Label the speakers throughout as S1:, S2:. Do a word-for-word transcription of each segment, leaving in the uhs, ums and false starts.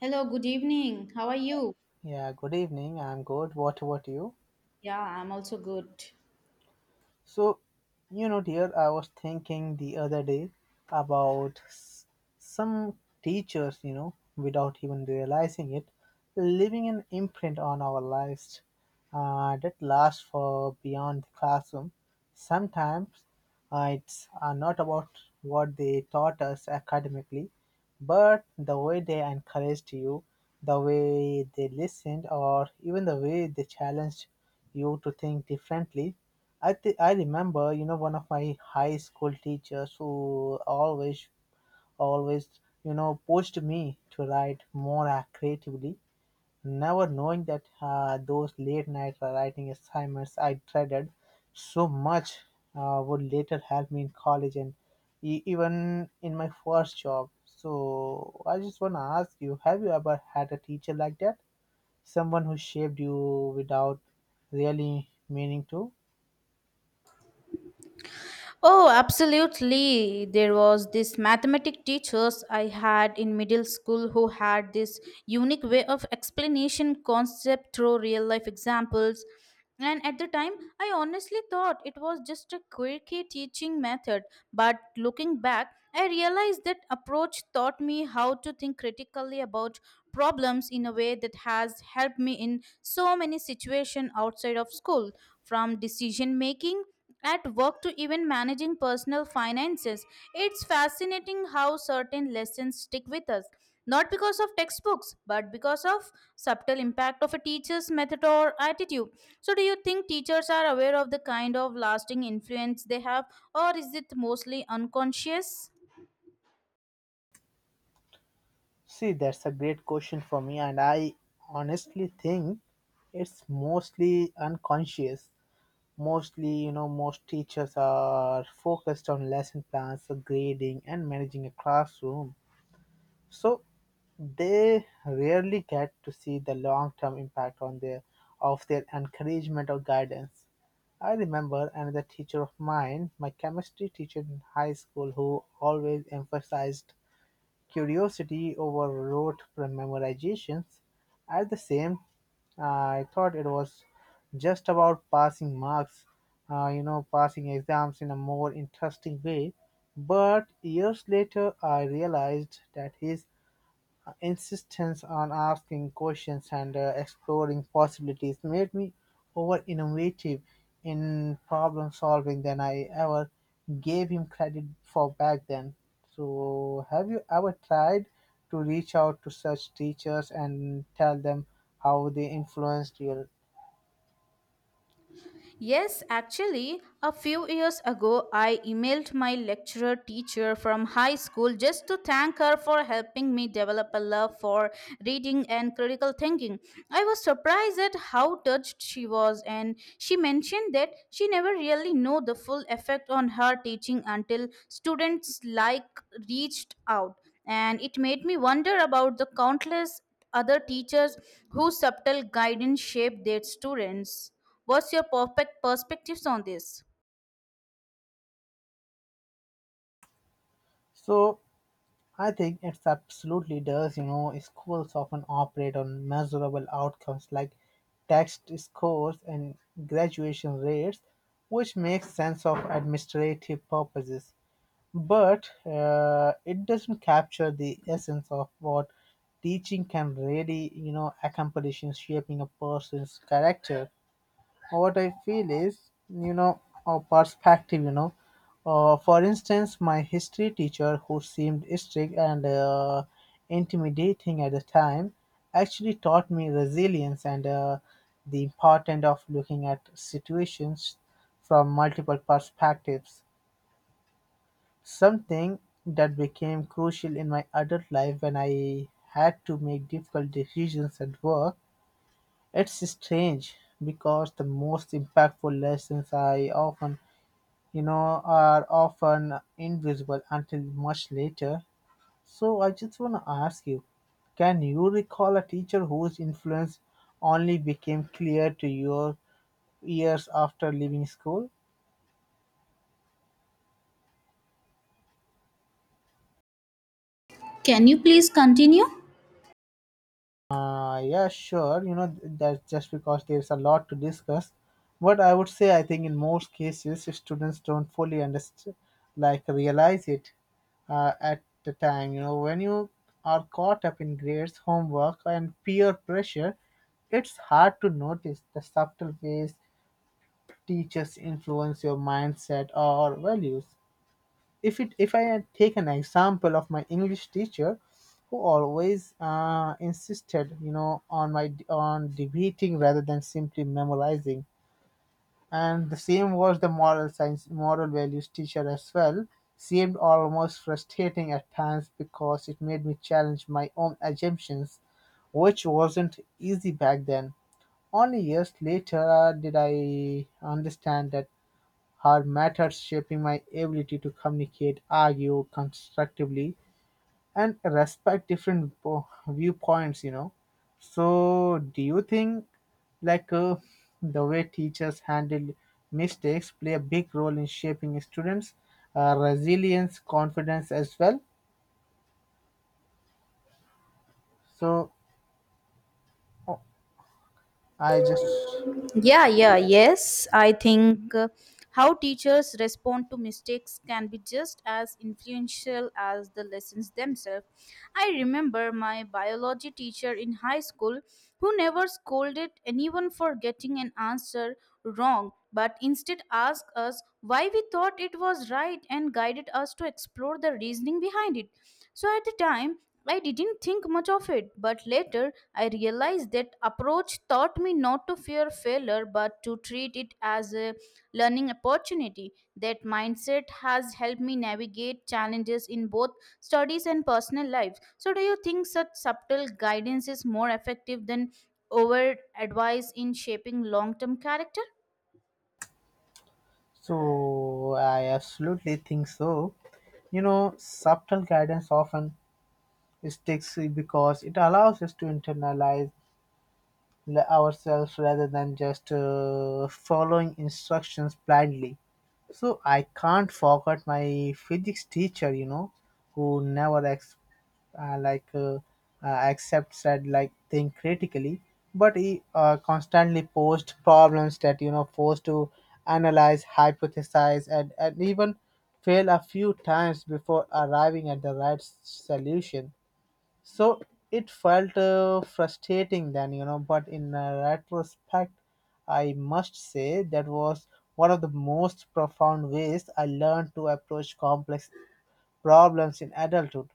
S1: Hello, good evening. How are you?
S2: Yeah, good evening. I'm good. What about you?
S1: Yeah, I'm also good.
S2: So, you know, dear, I was thinking the other day about s- some teachers, you know, without even realizing it, leaving an imprint on our lives uh, that lasts for beyond the classroom. Sometimes uh, it's uh, not about what they taught us academically, but the way they encouraged you, the way they listened, or even the way they challenged you to think differently. I th- I remember, you know, one of my high school teachers who always always, you know, pushed me to write more uh, creatively, never knowing that uh, those late night writing assignments I dreaded so much uh, would later help me in college and e- even in my first job. So I just want to ask you, have you ever had a teacher like that? Someone who shaped you without really meaning to?
S1: Oh, absolutely. There was this mathematic teachers I had in middle school who had this unique way of explanation concept through real life examples. And at the time, I honestly thought it was just a quirky teaching method. But looking back, I realized that approach taught me how to think critically about problems in a way that has helped me in so many situations outside of school, from decision making at work to even managing personal finances. It's fascinating how certain lessons stick with us, not because of textbooks, but because of subtle impact of a teacher's method or attitude. So do you think teachers are aware of the kind of lasting influence they have or is it mostly unconscious?
S2: See, that's a great question for me, and I honestly think it's mostly unconscious. Mostly, you know, most teachers are focused on lesson plans, so grading, and managing a classroom. So they rarely get to see the long-term impact on their of their encouragement or guidance. I remember another teacher of mine, my chemistry teacher in high school, who always emphasized curiosity overrode memorization; at the same, uh, I thought it was just about passing marks, uh, you know, passing exams in a more interesting way. But years later, I realized that his insistence on asking questions and uh, exploring possibilities made me over-innovative in problem solving than I ever gave him credit for back then. So, have you ever tried to reach out to such teachers and tell them how they influenced you?
S1: Yes, actually, a few years ago, I emailed my lecturer teacher from high school just to thank her for helping me develop a love for reading and critical thinking. I was surprised at how touched she was, and she mentioned that she never really knew the full effect on her teaching until students like reached out. And it made me wonder about the countless other teachers whose subtle guidance shaped their students. What's your perfect perspectives on this?
S2: So, I think it's absolutely does. You know, schools often operate on measurable outcomes like test scores and graduation rates, which makes sense of administrative purposes. But uh, it doesn't capture the essence of what teaching can really, you know, accomplish in shaping a person's character. What I feel is, you know, a perspective, you know. Uh, For instance, my history teacher, who seemed strict and uh, intimidating at the time, actually taught me resilience and uh, the importance of looking at situations from multiple perspectives. Something that became crucial in my adult life when I had to make difficult decisions at work. It's strange because the most impactful lessons I often, you know, are often invisible until much later. So I just want to ask you, can you recall a teacher whose influence only became clear to your years after leaving school?
S1: Can you please continue?
S2: Uh, yeah, sure. You know, th- that's just because there's a lot to discuss. But I would say, I think in most cases, students don't fully understand, like realize it uh, at the time. You know, when you are caught up in grades, homework, and peer pressure, it's hard to notice the subtle ways teachers influence your mindset or values. If it if I take an example of my English teacher, who always uh, insisted, you know, on my on debating rather than simply memorizing, and the same was the moral science moral values teacher as well. Seemed almost frustrating at times because it made me challenge my own assumptions, which wasn't easy back then. Only years later uh, did I understand that her methods shaping my ability to communicate, argue constructively, and respect different po- viewpoints, you know. So, do you think like uh, the way teachers handle mistakes play a big role in shaping students' uh, resilience, confidence as well? So, oh, I just
S1: Yeah, yeah, yes. I think uh, how teachers respond to mistakes can be just as influential as the lessons themselves. I remember my biology teacher in high school who never scolded anyone for getting an answer wrong, but instead asked us why we thought it was right and guided us to explore the reasoning behind it. So at the time, I didn't think much of it, but later I realized that approach taught me not to fear failure but to treat it as a learning opportunity. That mindset has helped me navigate challenges in both studies and personal life. So, do you think such subtle guidance is more effective than overt advice in shaping long term character?
S2: so I absolutely think so. You know, subtle guidance often sticks because it allows us to internalize l- ourselves rather than just uh, following instructions blindly. So I can't forget my physics teacher, you know, who never ex- uh, like uh, uh, accept said like think critically, but he uh, constantly posed problems that you know forced to analyze, hypothesize, and, and even fail a few times before arriving at the right s- solution. So it felt uh, frustrating then, you know, but in uh, retrospect, I must say that was one of the most profound ways I learned to approach complex problems in adulthood.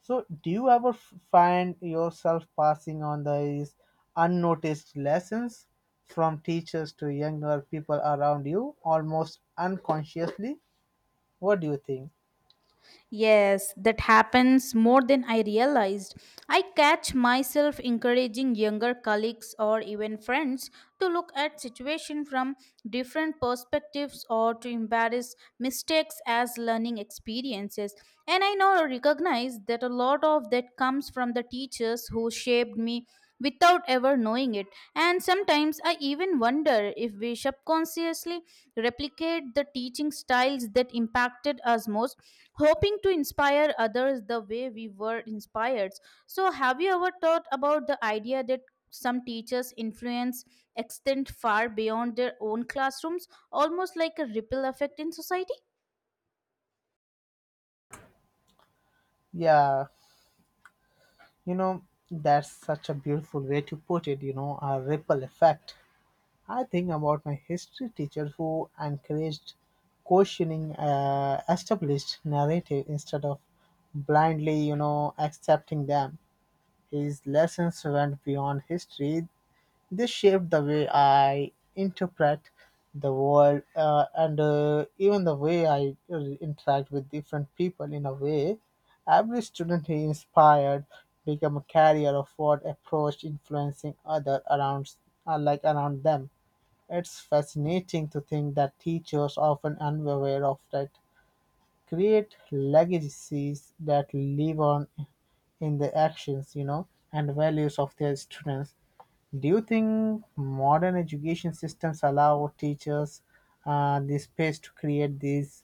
S2: So, do you ever f- find yourself passing on these unnoticed lessons from teachers to younger people around you almost unconsciously? What do you think?
S1: Yes, that happens more than I realized. I catch myself encouraging younger colleagues or even friends to look at situation from different perspectives or to embrace mistakes as learning experiences. And I now recognize that a lot of that comes from the teachers who shaped me without ever knowing it. And sometimes I even wonder if we subconsciously replicate the teaching styles that impacted us most, hoping to inspire others the way we were inspired. So, have you ever thought about the idea that some teachers' influence extend far beyond their own classrooms, almost like a ripple effect in society?
S2: Yeah. You know, that's such a beautiful way to put it, you know, a ripple effect. I think about my history teacher who encouraged questioning uh, established narrative instead of blindly, you know, accepting them. His lessons went beyond history, this shaped the way I interpret the world uh, and uh, even the way I uh, interact with different people in a way. Every student he inspired became a carrier of what approach influencing other around uh, like around them. It's fascinating to think that teachers often unaware of that create legacies that live on in the actions you know and values of their students. Do you think modern education systems allow teachers uh, the space to create these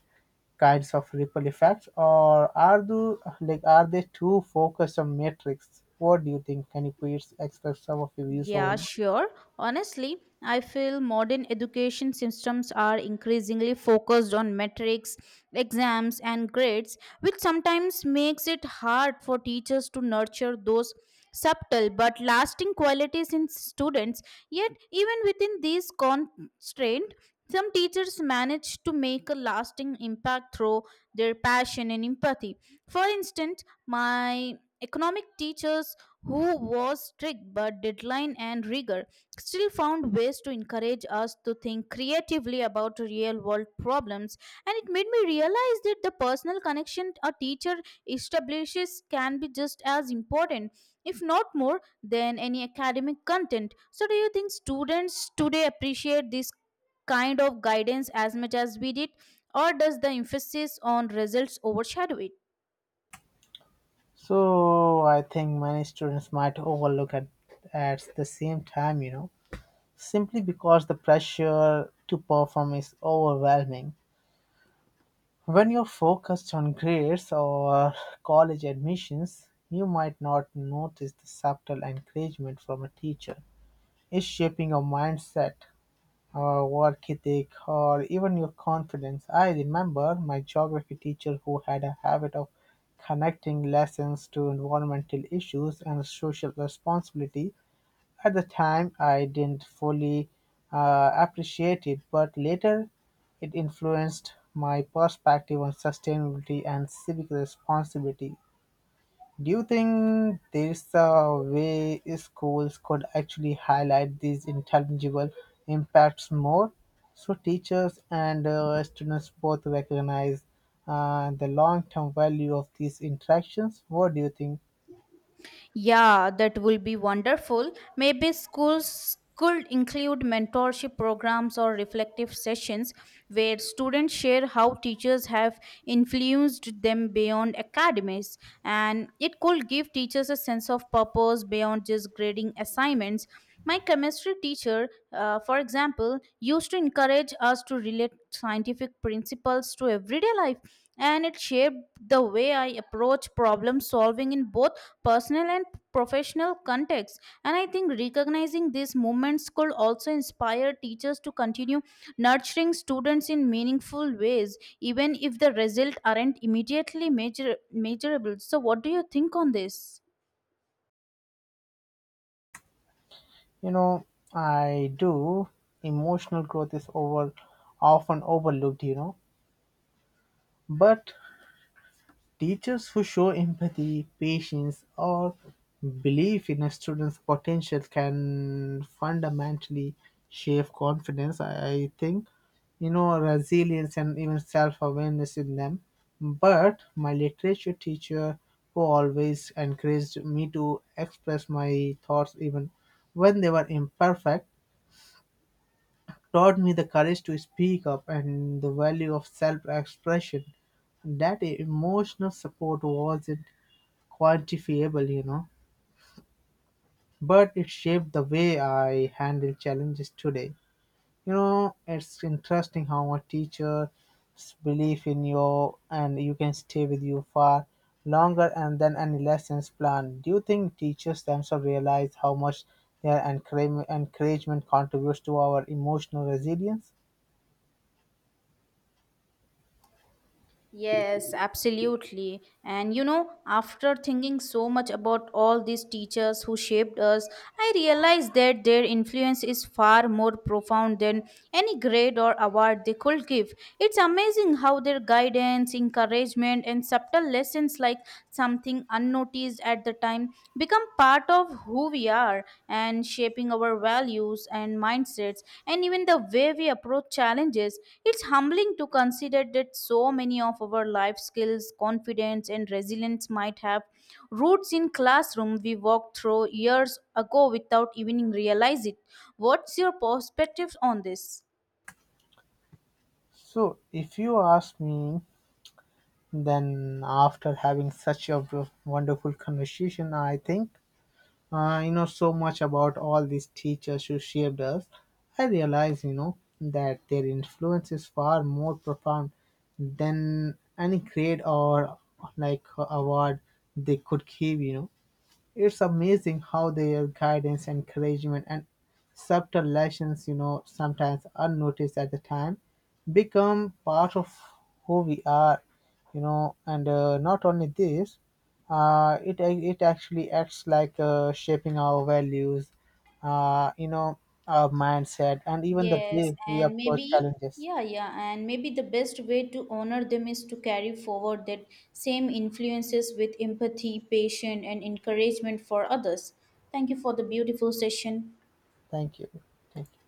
S2: kinds of ripple effects, or are do like are they too focused on metrics? What do you think? Can you please express some of your views over
S1: Yeah,
S2: here?
S1: sure. Honestly, I feel modern education systems are increasingly focused on metrics, exams, and grades, which sometimes makes it hard for teachers to nurture those subtle but lasting qualities in students. Yet, even within these constraints, some teachers manage to make a lasting impact through their passion and empathy. For instance, my economic teachers who was strict but deadline and rigor, still found ways to encourage us to think creatively about real world problems. And it made me realize that the personal connection a teacher establishes can be just as important, if not more, than any academic content. So, do you think students today appreciate this kind of guidance as much as we did? Or does the emphasis on results overshadow it?
S2: So I think many students might overlook at at the same time you know simply because the pressure to perform is overwhelming. When you're focused on grades or uh, college admissions, you might not notice the subtle encouragement from a teacher. It's shaping your mindset, or work ethic, or even your confidence. I remember my geography teacher who had a habit of connecting lessons to environmental issues and social responsibility at the time. I didn't fully uh, appreciate it, but later it influenced my perspective on sustainability and civic responsibility. Do you think there's a way schools could actually highlight these intangible impacts more, so teachers and uh, students both recognize uh, the long term value of these interactions? What do you think?
S1: Yeah, that will be wonderful. Maybe schools could include mentorship programs or reflective sessions where students share how teachers have influenced them beyond academies. And it could give teachers a sense of purpose beyond just grading assignments. My chemistry teacher, uh, for example, used to encourage us to relate scientific principles to everyday life, and it shaped the way I approach problem solving in both personal and professional contexts. And I think recognizing these moments could also inspire teachers to continue nurturing students in meaningful ways, even if the results aren't immediately measure- measurable. So, what do you think on this?
S2: You know, I do. Emotional growth is over often overlooked, you know. But teachers who show empathy, patience, or belief in a student's potential can fundamentally shape confidence, I I think. You know, resilience and even self awareness in them. But my literature teacher who always encouraged me to express my thoughts even when they were imperfect taught me the courage to speak up and the value of self-expression. That emotional support wasn't quantifiable, you know, but it shaped the way I handle challenges today. You know, it's interesting how a teacher's belief in you and you can stay with you far longer and than any lessons planned. Do you think teachers themselves realize how much their encourage- encouragement contributes to our emotional resilience?
S1: Yes, absolutely. And you know, after thinking so much about all these teachers who shaped us, I realized that their influence is far more profound than any grade or award they could give. It's amazing how their guidance, encouragement, and subtle lessons, like something unnoticed at the at the time become part of who we are and shaping our values and mindsets and even the way we approach challenges. It's humbling to consider that so many of our life skills, confidence, and resilience might have roots in classroom we walked through years ago without even realize it. What's your perspective on this?
S2: So, if you ask me, then after having such a w- wonderful conversation, I think uh, you know so much about all these teachers who shaped us. I realize, you know, that their influence is far more profound than any grade or like award they could give. You know, it's amazing how their guidance, encouragement, and subtle lessons, you know, sometimes unnoticed at the time, become part of who we are, you know. And uh, not only this, uh, it it actually acts like uh, shaping our values, uh, you know, our mindset, and even the
S1: Yes,
S2: way we
S1: and
S2: approach
S1: maybe,
S2: challenges.
S1: yeah, yeah, and maybe the best way to honor them is to carry forward that same influences with empathy, patience, and encouragement for others. Thank you for the beautiful session.
S2: Thank you. Thank you.